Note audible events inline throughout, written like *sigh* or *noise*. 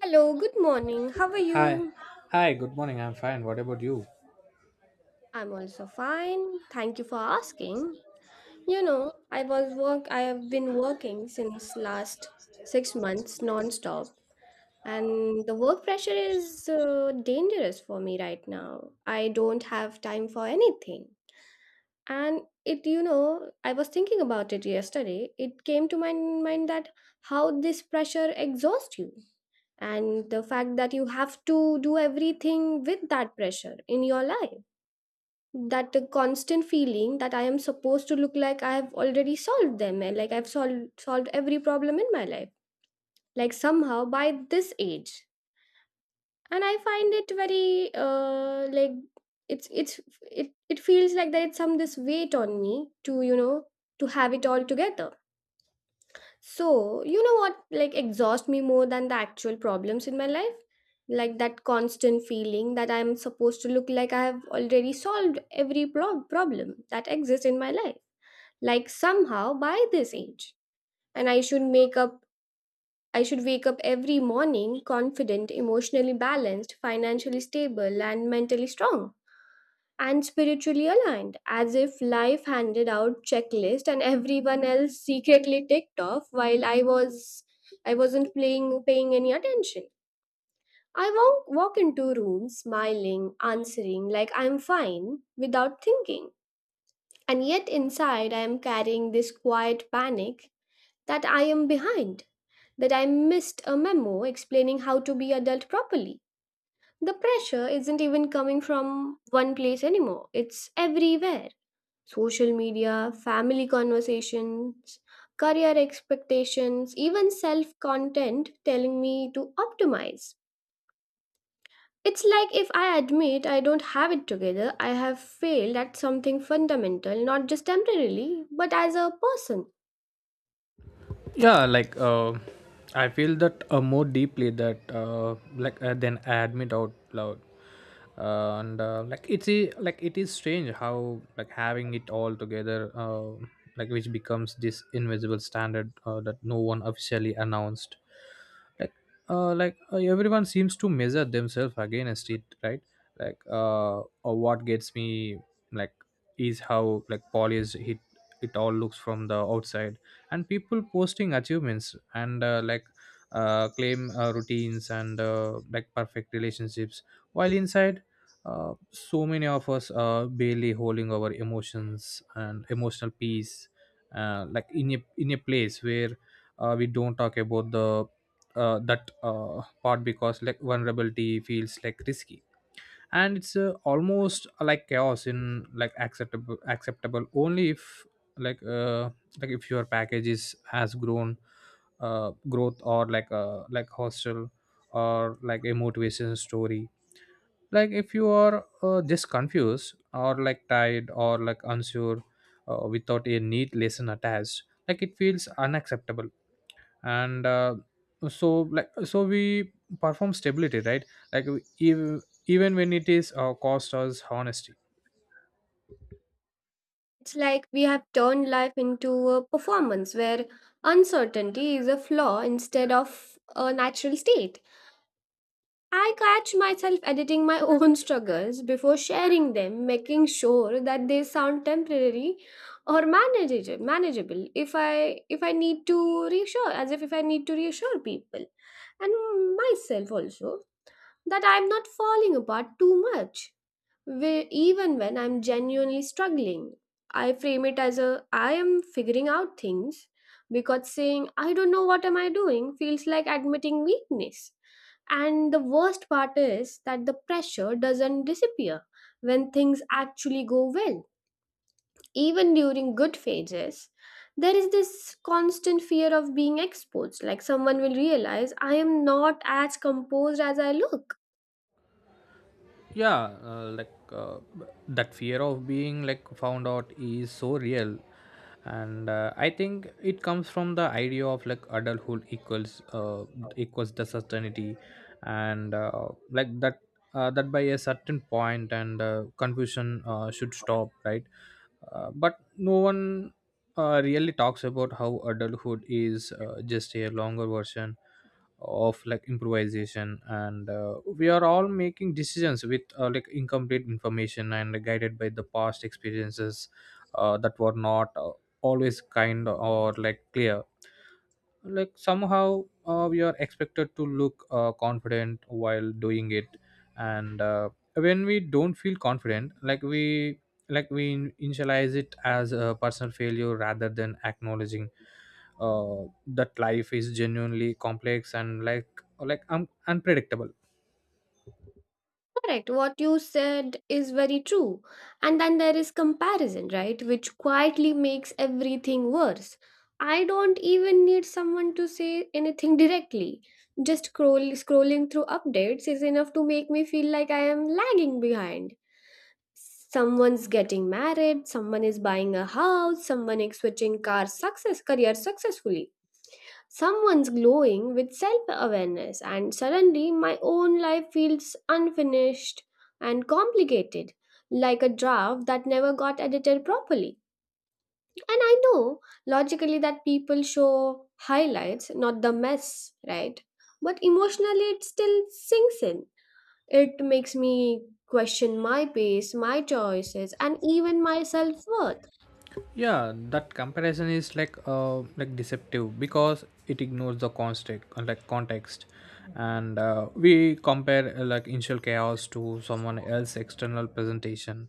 Hello, good morning. How are Hi. you? Hi, good morning. I'm fine. What about you? I'm also fine. Thank you for asking. You know, I have been working since last 6 months non-stop, and the work pressure is dangerous for me right now. I don't have time for anything. And I was thinking about it yesterday. It came to my mind that how this pressure exhausts you, and the fact that you have to do everything with that pressure in your life, that the constant feeling that I am supposed to look like I have already solved them, and like I've solved every problem in my life, like somehow by this age. And I find it very like, it's it's it feels like there is some this weight on me to have it all together. So you know what, like, exhaust me more than the actual problems in my life, like that constant feeling that I'm supposed to look like I have already solved every problem that exists in my life, like somehow by this age. And I should wake up every morning confident, emotionally balanced, financially stable, and mentally strong, and spiritually aligned, as if life handed out checklist and everyone else secretly ticked off while I wasn't playing paying any attention. I walk into rooms smiling, answering like I'm fine without thinking. And yet inside I am carrying this quiet panic, that I am behind, that I missed a memo explaining how to be adult properly. The pressure isn't even coming from one place anymore, it's everywhere. Social media, family conversations, career expectations, even self content telling me to optimize. It's like if I admit I don't have it together, I have failed at something fundamental, not just temporarily, but as a person. Yeah, I feel that more deeply that then I admit out loud, and it's like it is strange how, like, having it all together, like, which becomes this invisible standard that no one officially announced. like Everyone seems to measure themselves against it, right? Or what gets me like is how, like, polished it all looks from the outside, and people posting achievements and, claim, routines and, like, perfect relationships, while inside so many of us are barely holding our emotions and emotional peace, like, in a place where we don't talk about the, that part, because like vulnerability feels, like, risky, and it's, almost, like, chaos in, like, acceptable only if, like uh like if your package is has grown, growth, or like, hostel, or like a motivation story. Like, if you are, just confused, or like tired, or like unsure, without a neat lesson attached, like, it feels unacceptable. And uh, so like so we perform stability, right? Like, even when it is, cost us honesty. It's like we have turned life into a performance where uncertainty is a flaw instead of a natural state. I catch myself editing my *laughs* own struggles before sharing them, making sure that they sound temporary or manageable, if I need to reassure, as if I need to reassure people, and myself also, that I'm not falling apart too much. Where even when I'm genuinely struggling, I frame it as a I am figuring out things, because saying I don't know what am I doing feels like admitting weakness. And the worst part is that the pressure doesn't disappear when things actually go well. Even during good phases, there is this constant fear of being exposed, like someone will realize I am not as composed as I look. Yeah, that fear of being, like, found out is so real, and, I think it comes from the idea of, like, adulthood equals, equals the certainty, and, that by a certain point, and confusion, should stop, right? But no one, really talks about how adulthood is, just a longer version of, like, improvisation, and, we are all making decisions with, like, incomplete information and guided by the past experiences that were not, always kind or, like, clear. Like, somehow, we are expected to look, confident while doing it, and, when we don't feel confident, we initialize it as a personal failure rather than acknowledging that life is genuinely complex and, like, unpredictable. Correct. What you said is very true. And then there is comparison, right? Which quietly makes everything worse. I don't even need someone to say anything directly. Just scrolling through updates is enough to make me feel like I am lagging behind. Someone's getting married, someone is buying a house, someone is switching career successfully. Someone's glowing with self awareness, and suddenly my own life feels unfinished and complicated, like a draft that never got edited properly. And I know logically that people show highlights, not the mess, right? But emotionally, it still sinks in. It makes me question my pace, my choices, and even my self worth. Yeah, that comparison is like, like, deceptive because it ignores the context, and, we compare, like, initial chaos to someone else external presentation,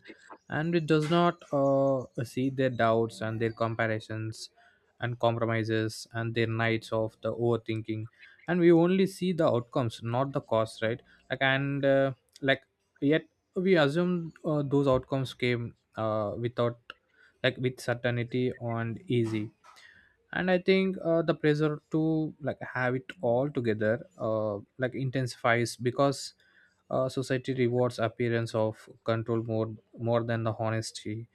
and it does not, see their doubts and their comparisons and compromises and their nights of the overthinking, and we only see the outcomes, not the costs, right? like and like Yet we assume, those outcomes came, without, like, with certainty and easy. And I think, the pressure to, like, have it all together, like, intensifies because, society rewards appearance of control more than the honesty,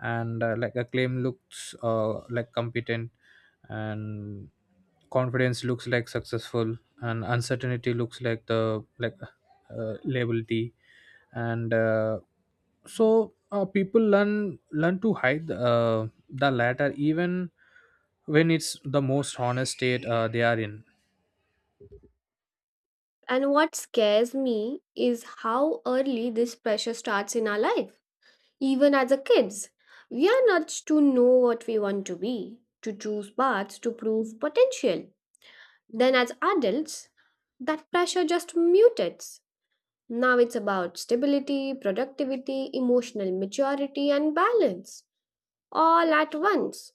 and, like, a claim looks, like, competent, and confidence looks like successful, and uncertainty looks like the, like, liability. And uh, so uh, people learn to hide, the latter even when it's the most honest state they are in. And what scares me is how early this pressure starts in our life. Even as a kids, we are nudged to know what we want to be, to choose paths to prove potential. Then as adults, that pressure just mutates. Now it's about stability, productivity, emotional maturity and balance, all at once.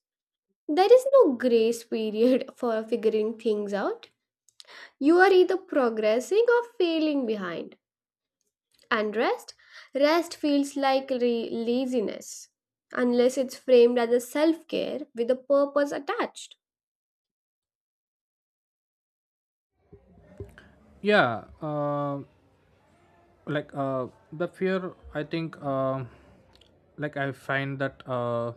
There is no grace period *laughs* for figuring things out. You are either progressing or failing behind. And rest? Rest feels like laziness, unless it's framed as a self care with a purpose attached. Yeah, the fear, I think, like, I find that,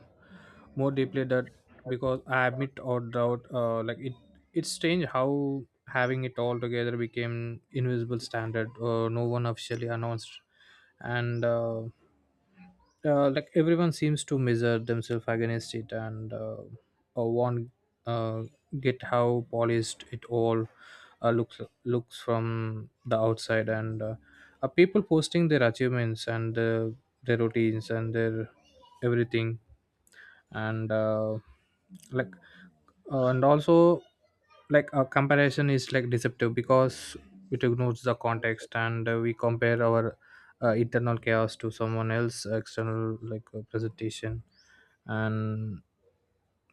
more deeply, that because I admit or doubt, like, it's strange how having it all together became invisible standard, no one officially announced, and like, everyone seems to measure themselves against it, and, will, uh, get how polished it all, looks, looks from the outside, and people posting their achievements and, their routines and their everything, and like and also, like, a comparison is, like, deceptive because it ignores the context, and, we compare our, internal chaos to someone else external, presentation. And,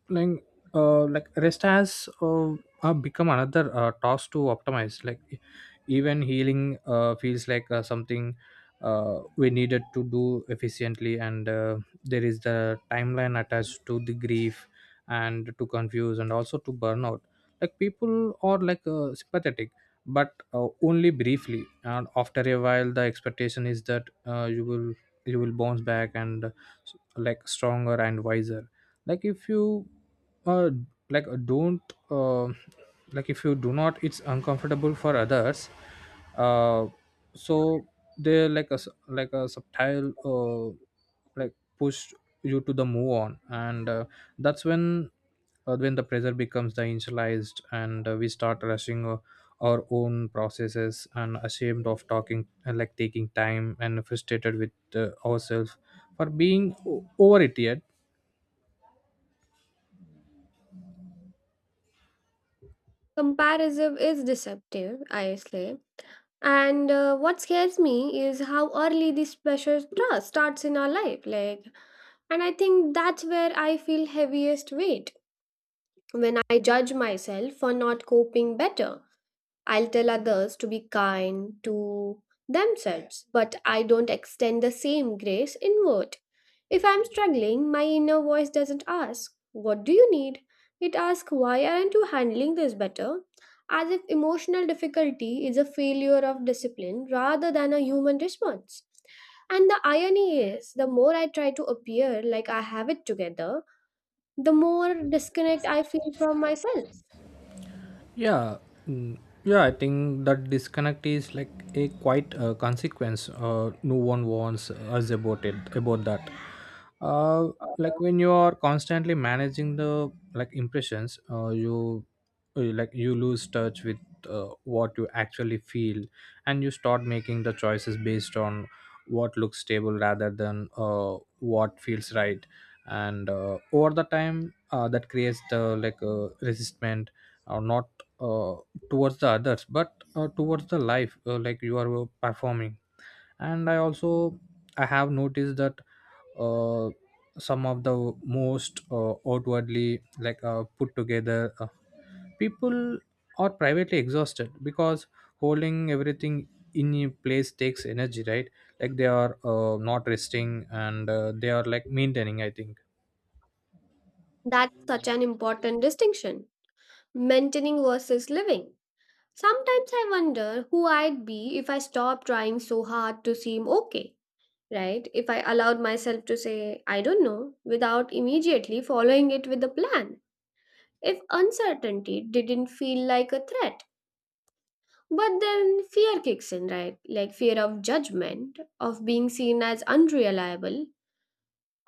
like like, rest has, become another, task to optimize. Like, even healing, feels like, something we needed to do efficiently, and, there is the timeline attached to the grief and to confuse and also to burnout. Like, people are, like, sympathetic, but, only briefly, and after a while the expectation is that, you will bounce back and, like, stronger and wiser. like if you uh, like uh, don't uh, like, if you do not, it's uncomfortable for others, uh, so they, like, like, a subtle, like, push you to the move on. And, that's when the pressure becomes the initialized, and, we start rushing, our own processes, and ashamed of talking and, like, taking time, and frustrated with, ourselves for being over it yet. Comparison is deceptive, I say. And what scares me is how early this pressure starts in our life. Like, and I think that's where I feel heaviest weight, when I judge myself for not coping better. I'll tell others to be kind to themselves, but I don't extend the same grace inward. If I'm struggling, my inner voice doesn't ask, "What do you need?" It asks, "Why aren't you handling this better?" As if emotional difficulty is a failure of discipline rather than a human response. And the irony is, the more I try to appear like I have it together, the more disconnect I feel from myself. Yeah. mm, yeah. I think that disconnect is like a quite, consequence. No one warns us about it. About that, uh, like, when you are constantly managing the, like, impressions, you, like, you lose touch with, what you actually feel, and you start making the choices based on what looks stable rather than, what feels right. And, over the time, that creates the, like, resistment, or not, uh, towards the others, but, towards the life, like, you are, performing. And I also, I have noticed that, uh, some of the most, outwardly, like, put together, people are privately exhausted because holding everything in a place takes energy, right? Like, they are, not resting, and, they are, like, maintaining, I think. That's such an important distinction, maintaining versus living. Sometimes I wonder who I'd be if I stopped trying so hard to seem okay, right? If I allowed myself to say, "I don't know," without immediately following it with a plan. If uncertainty didn't feel like a threat. But then fear kicks in, right? Like fear of judgment, of being seen as unreliable,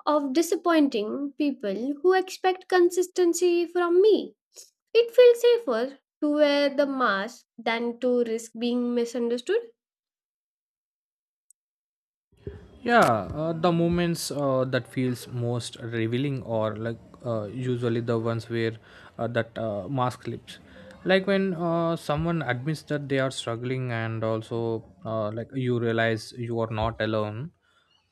of disappointing people who expect consistency from me. It feels safer to wear the mask than to risk being misunderstood. Yeah, the moments that feels most revealing, or like, usually the ones where, that mask slips. Like, when, someone admits that they are struggling, and also, like, you realize you are not alone,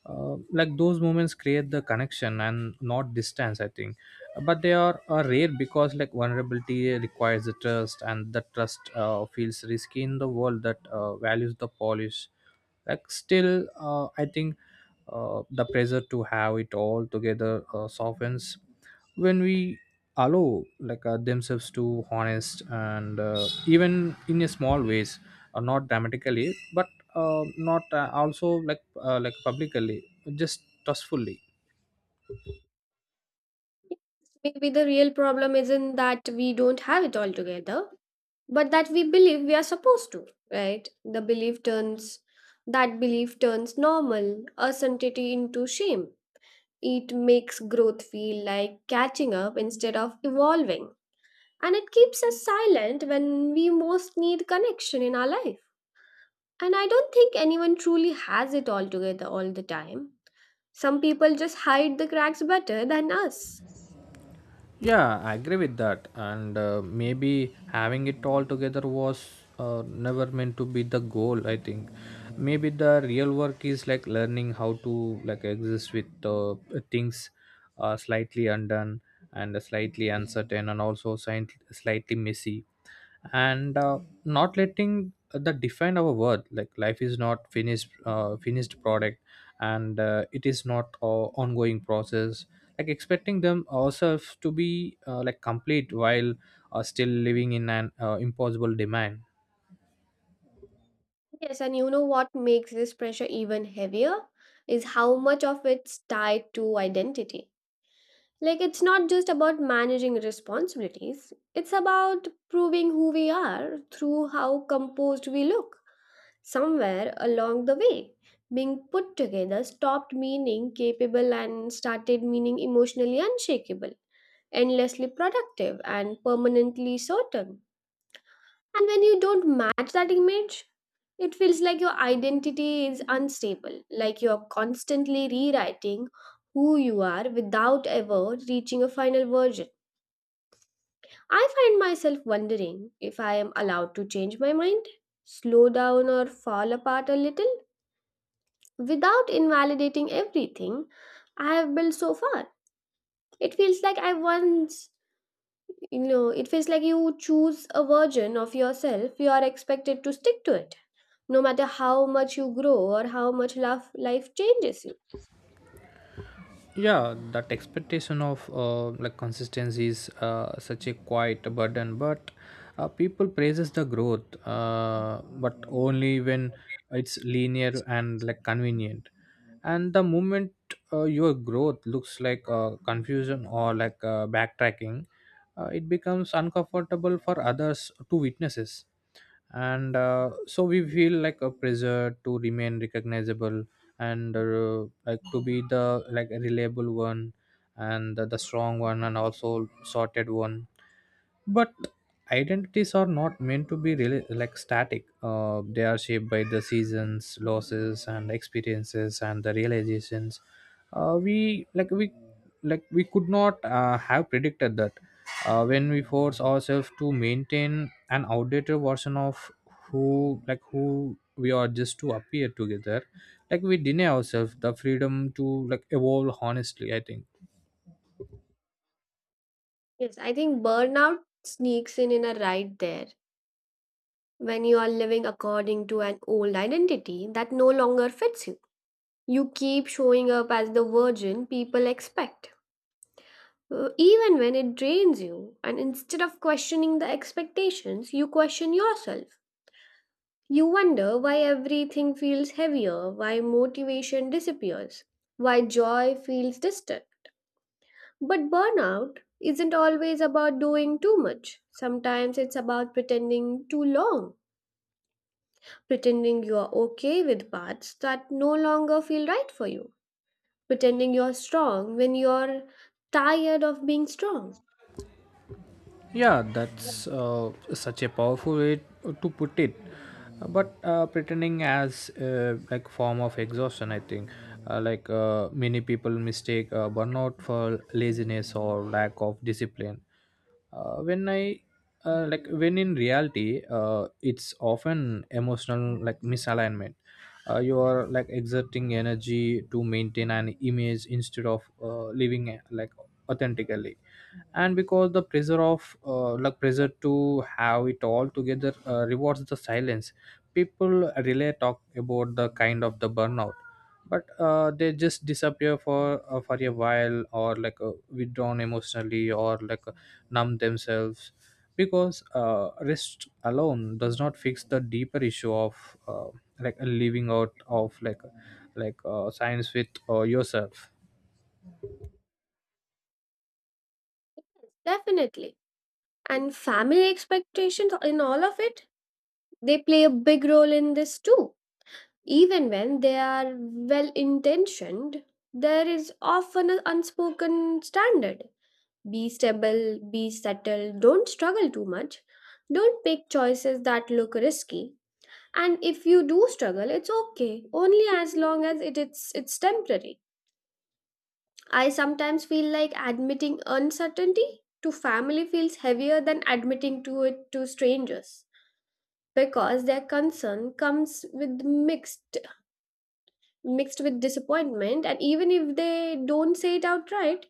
like, those moments create the connection, and not distance, I think. But they are rare, because, like, vulnerability requires the trust, and the trust, feels risky in the world that, values the polish. Like, still, I think, the pressure to have it all together, softens when we allow, like, themselves to honest, and, even in a small ways, not dramatically, but, not also like, like, publicly, just trustfully. Maybe the real problem isn't that we don't have it all together, but that we believe we are supposed to, right? the belief turns That belief turns normal uncertainty into shame. It makes growth feel like catching up instead of evolving, and it keeps us silent when we most need connection in our life. And I don't think anyone truly has it all together all the time. Some people just hide the cracks better than us. Yeah, I agree with that. And, maybe having it all together was, never meant to be the goal, I think. Maybe the real work is, like, learning how to, like, exist with, things, slightly undone and slightly uncertain, and also slightly messy, and, not letting that define our worth. Like, life is not finished, finished product, and, it is not a ongoing process. Like, expecting them ourselves to be, like, complete while, still living in an, impossible demand. Yes, and you know what makes this pressure even heavier is how much of it's tied to identity. Like, it's not just about managing responsibilities, it's about proving who we are through how composed we look. Somewhere along the way, being put together stopped meaning capable and started meaning emotionally unshakable, endlessly productive, and permanently certain. And when you don't match that image, it feels like your identity is unstable, like you're constantly rewriting who you are without ever reaching a final version. I find myself wondering if I am allowed to change my mind, slow down, or fall apart a little without invalidating everything I have built so far. It feels like I once, It feels like you choose a version of yourself, you are expected to stick to it, no matter how much you grow or how much love life changes you. Yeah, that expectation of, like, consistency is, such a quiet burden, but, people praises the growth, but only when it's linear and, like, convenient, and the moment, your growth looks like, confusion, or like, backtracking, it becomes uncomfortable for others to witnesses. And uh, so we feel like a pressure to remain recognizable, and, like, to be the, like, reliable one, and the strong one, and also sorted one. But identities are not meant to be really, like, static. They are shaped by the seasons, losses and experiences and the realizations we like we like, we could not, have predicted that. When we force ourselves to maintain an outdated version of who we are, just to appear together, like, we deny ourselves the freedom to, like, evolve honestly, I think. Yes, I think burnout sneaks in a right there, when you are living according to an old identity that no longer fits you. You keep showing up as the virgin people expect, even when it drains you. And instead of questioning the expectations, you question yourself. You wonder why everything feels heavier, why motivation disappears, why joy feels distant. But burnout isn't always about doing too much. Sometimes it's about pretending too long, pretending you are okay with paths that no longer feel right for you, pretending you're strong when you're tired of being strong. Yeah, that's, such a powerful way to put it. But, pretending as a, like, form of exhaustion, I think, many people mistake, burnout for laziness or lack of discipline. When I Like, when in reality, it's often emotional, like, misalignment. You are, like, exerting energy to maintain an image instead of, living, like, authentically. And because the pressure of, pressure to have it all together, rewards the silence, people really talk about the kind of the burnout, but, they just disappear for, for a while, or like, withdrawn emotionally, or like, numb themselves, because, rest alone does not fix the deeper issue of, like, a living out of like, science with, yourself. Definitely. And family expectations in all of it, they play a big role in this too. Even when they are well intentioned, there is often an unspoken standard. Be stable, be subtle, don't struggle too much, don't make choices that look risky. And if you do struggle, it's okay, only as long as it's temporary. I sometimes feel like admitting uncertainty to family feels heavier than admitting to it to strangers, because their concern comes with mixed with disappointment, and even if they don't say it outright,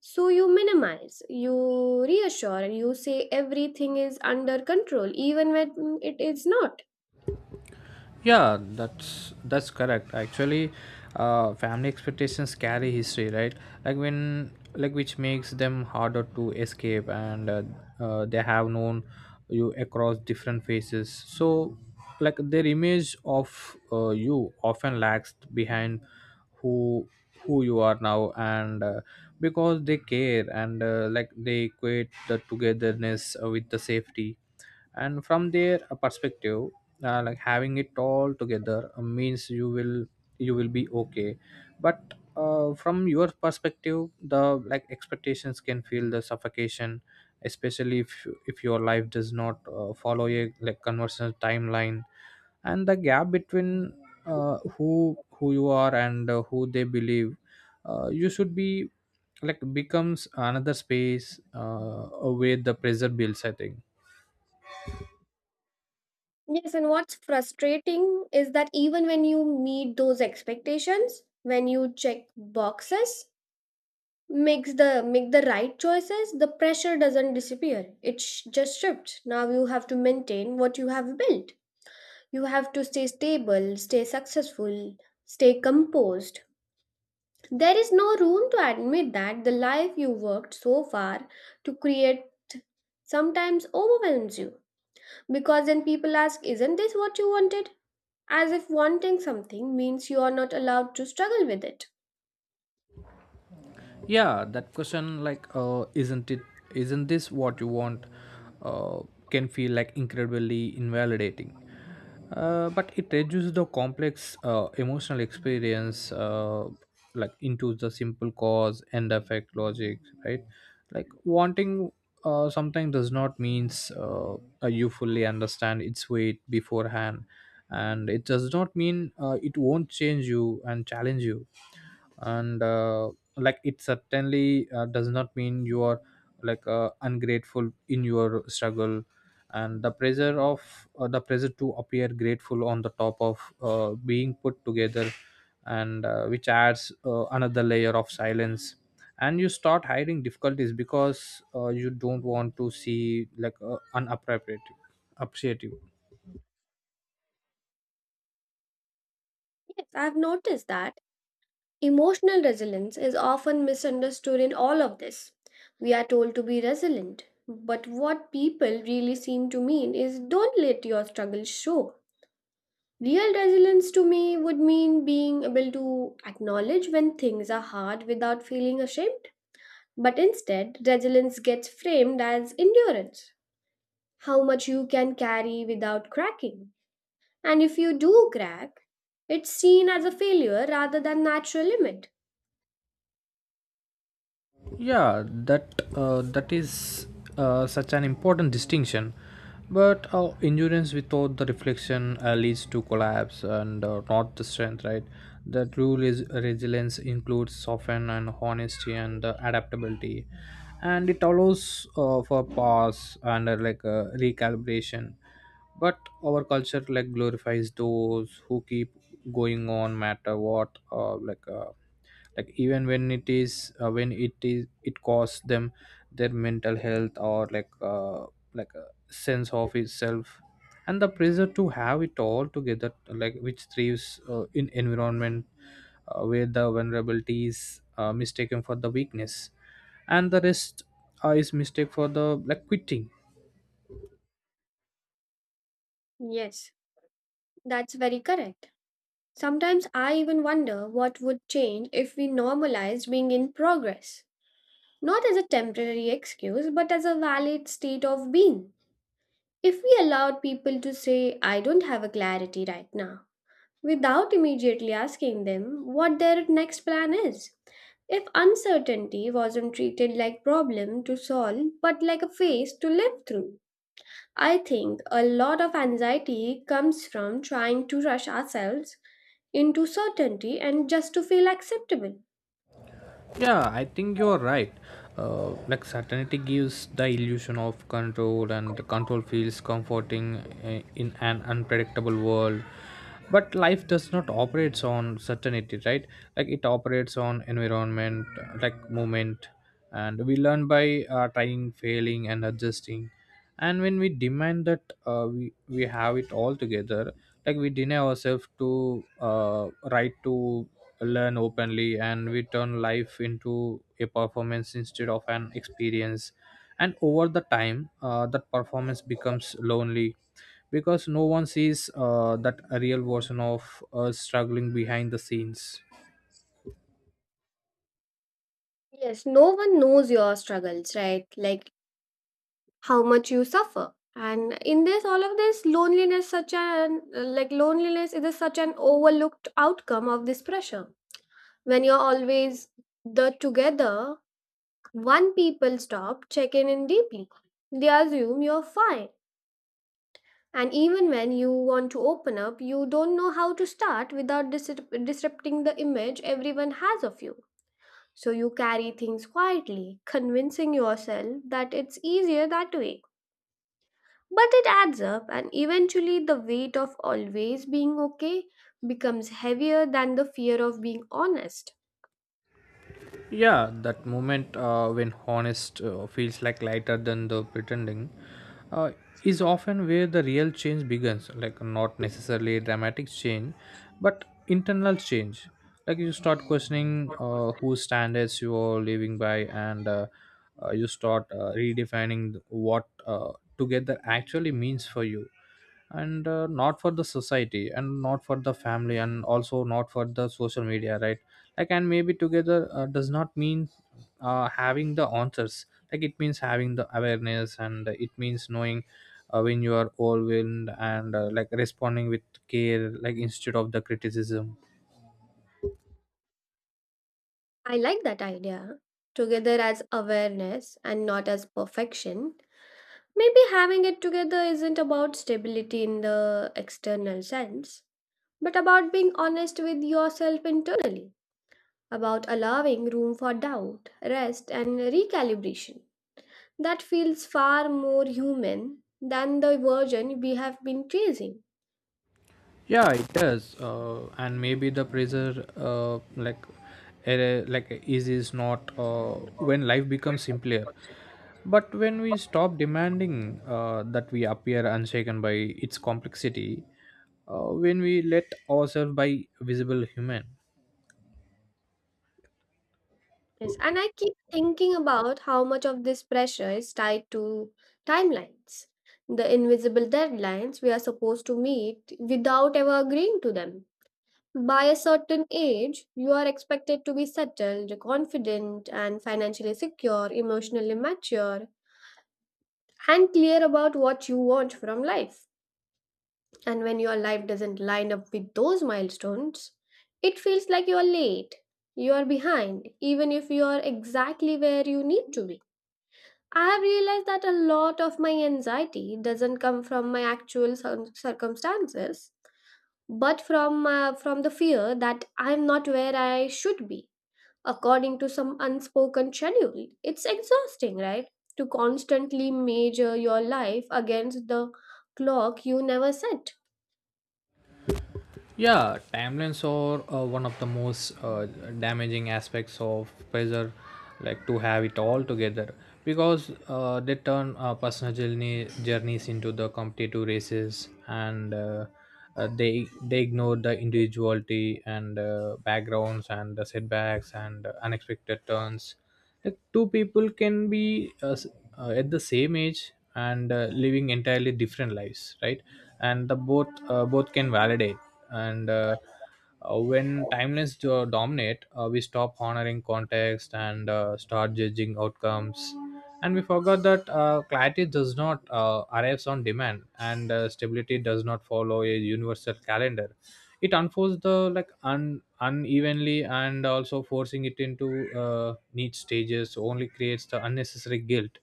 so you minimize, you reassure, and you say everything is under control even when it is not. Yeah, that's correct. Actually, family expectations carry history, right? Like, when, like, which makes them harder to escape, and they have known you across different phases. So, like their image of you often lags behind who who you are now, and because they care and like they equate the togetherness with the safety and from their perspective like having it all together means you will be okay but from your perspective the like expectations can feel the suffocation, especially if your life does not follow a like conventional timeline and the gap between who you are and who they believe you should be like becomes another space where the pressure builds, I think. Yes, and what's frustrating is that even when you meet those expectations, when you check boxes, make the right choices, the pressure doesn't disappear, it just shifts. Now you have to maintain what you have built, you have to stay stable, stay successful, stay composed. There is no room to admit that the life you worked so far to create sometimes overwhelms you, because then people ask, isn't this what you wanted, as if wanting something means you are not allowed to struggle with it. Yeah, that question, like isn't it isn't this what you want, uh, can feel like incredibly invalidating. But it reduces the complex emotional experience like into the simple cause and effect logic, right? Like wanting sometimes does not means you fully understand its weight beforehand, and it does not mean it won't change you and challenge you. And like it certainly does not mean you are like ungrateful in your struggle, and the pressure of the pressure to appear grateful on the top of being put together, and which adds another layer of silence. And you start hiding difficulties because you don't want to see like unappropriate appreciative. Yes, I've noticed that. Emotional resilience is often misunderstood in all of this. We are told to be resilient, but what people really seem to mean is don't let your struggles show. Real resilience to me would mean being able to acknowledge when things are hard without feeling ashamed. But instead, resilience gets framed as endurance, how much you can carry without cracking. And if you do crack, it's seen as a failure rather than natural limit. Yeah, that that is such an important distinction. But endurance without the reflection leads to collapse and not the strength, right? The true resilience includes soften and honesty and adaptability, and it allows for pause and like recalibration. But our culture like glorifies those who keep going on, matter what, like even when it is it costs them their mental health or like a sense of itself, and the pressure to have it all together like which thrives in environment where the vulnerability is mistaken for the weakness and the rest is mistake for the like quitting. Yes, that's very correct. Sometimes I even wonder what would change if we normalized being in progress, not as a temporary excuse, but as a valid state of being. If we allowed people to say, "I don't have a clarity right now," without immediately asking them what their next plan is. If uncertainty wasn't treated like problem to solve but like a phase to live through. I think a lot of anxiety comes from trying to rush ourselves into certainty and just to feel acceptable. Yeah, I think you're right. Like certainty gives the illusion of control, and the control feels comforting in an unpredictable world. But life does not operates on certainty, right? Like it operates on environment, like movement, and we learn by trying, failing, and adjusting. And when we demand that we have it all together, like we deny ourselves to right to learn openly, and we turn life into a performance instead of an experience. And over the time that performance becomes lonely because no one sees that real version of us struggling behind the scenes. Yes, no one knows your struggles, right? Like how much you suffer. And in this, all of this loneliness, such an, like, loneliness is a such an overlooked outcome of this pressure. When you're always the together one, people stop checking in deeply. They assume you're fine. And even when you want to open up, you don't know how to start without disrupting the image everyone has of you. So you carry things quietly, convincing yourself that it's easier that way. But it adds up, and eventually, the weight of always being okay becomes heavier than the fear of being honest. Yeah, that moment when honest feels like lighter than the pretending uh, is often where the real change begins, like not necessarily a dramatic change but internal change. Like you start questioning whose standards you are living by, and you start redefining what together actually means for you, and not for the society and not for the family and also not for the social media, right? Like and maybe together does not mean having the answers. Like it means having the awareness, and it means knowing when you are overwhelmed and like responding with care like instead of the criticism. I like that idea. Together as awareness and not as perfection. Maybe having it together isn't about stability in the external sense, but about being honest with yourself internally, about allowing room for doubt, rest, and recalibration. That feels far more human than the version we have been chasing. Yeah, it does. And maybe the pressure, like easy is not when life becomes simpler, but when we stop demanding that we appear unshaken by its complexity, when we let ourselves by visible human. Yes, and I keep thinking about how much of this pressure is tied to timelines, the invisible deadlines we are supposed to meet without ever agreeing to them. By a certain age, you are expected to be settled, confident, and financially secure, emotionally mature, and clear about what you want from life. And when your life doesn't line up with those milestones, it feels like you are late. You are behind, even if you are exactly where you need to be. I have realized that a lot of my anxiety doesn't come from my actual circumstances, but from the fear that I am not where I should be, according to some unspoken schedule. It's exhausting, right? To constantly measure your life against the clock you never set. Yeah, timelines are one of the most damaging aspects of pressure, like to have it all together, because they turn personal journeys into the competitive races, and they ignore the individuality and backgrounds and the setbacks and unexpected turns. Like two people can be at the same age and living entirely different lives, right? And the both both can validate, and when timelines dominate, we stop honoring context and start judging outcomes, and we forgot that clarity does not arrives on demand, and stability does not follow a universal calendar. It unfolds the like unevenly, and also forcing it into niche stages only creates the unnecessary guilt.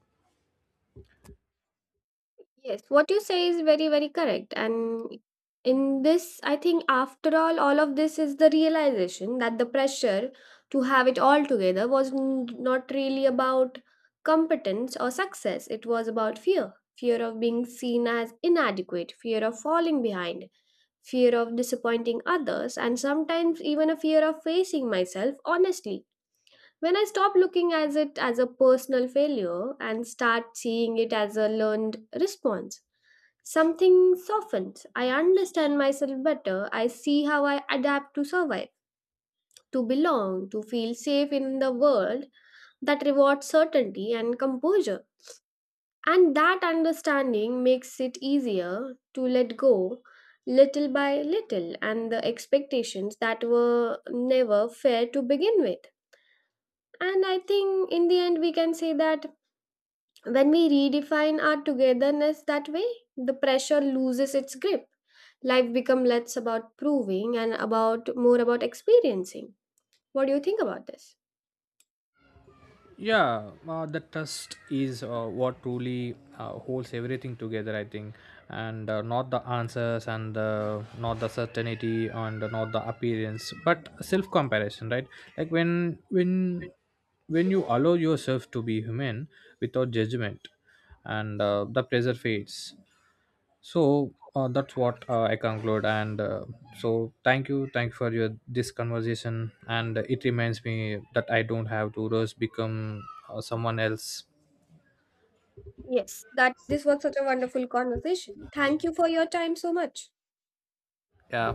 Yes, what you say is very, very correct. And in this, I think after all of this is the realization that the pressure to have it all together was not really about competence or success. It was about fear, fear of being seen as inadequate, fear of falling behind, fear of disappointing others, and sometimes even a fear of facing myself honestly. When I stop looking at it as a personal failure and start seeing it as a learned response, something softens. I understand myself better. I see how I adapt to survive, to belong, to feel safe in the world that rewards certainty and composure. And that understanding makes it easier to let go little by little, and the expectations that were never fair to begin with. And I think in the end, we can say that when we redefine our togetherness that way, the pressure loses its grip. Life becomes less about proving and about more about experiencing. What do you think about this? Yeah, the trust is what truly holds everything together, I think, and not the answers and not the certainty and not the appearance but self comparison, right? Like when you allow yourself to be human without judgment, and the pressure fades. So that's what I conclude, and so thank you for your this conversation, and it reminds me that I don't have to rush become someone else. Yes, that this was such a wonderful conversation. Thank you for your time so much. Yeah.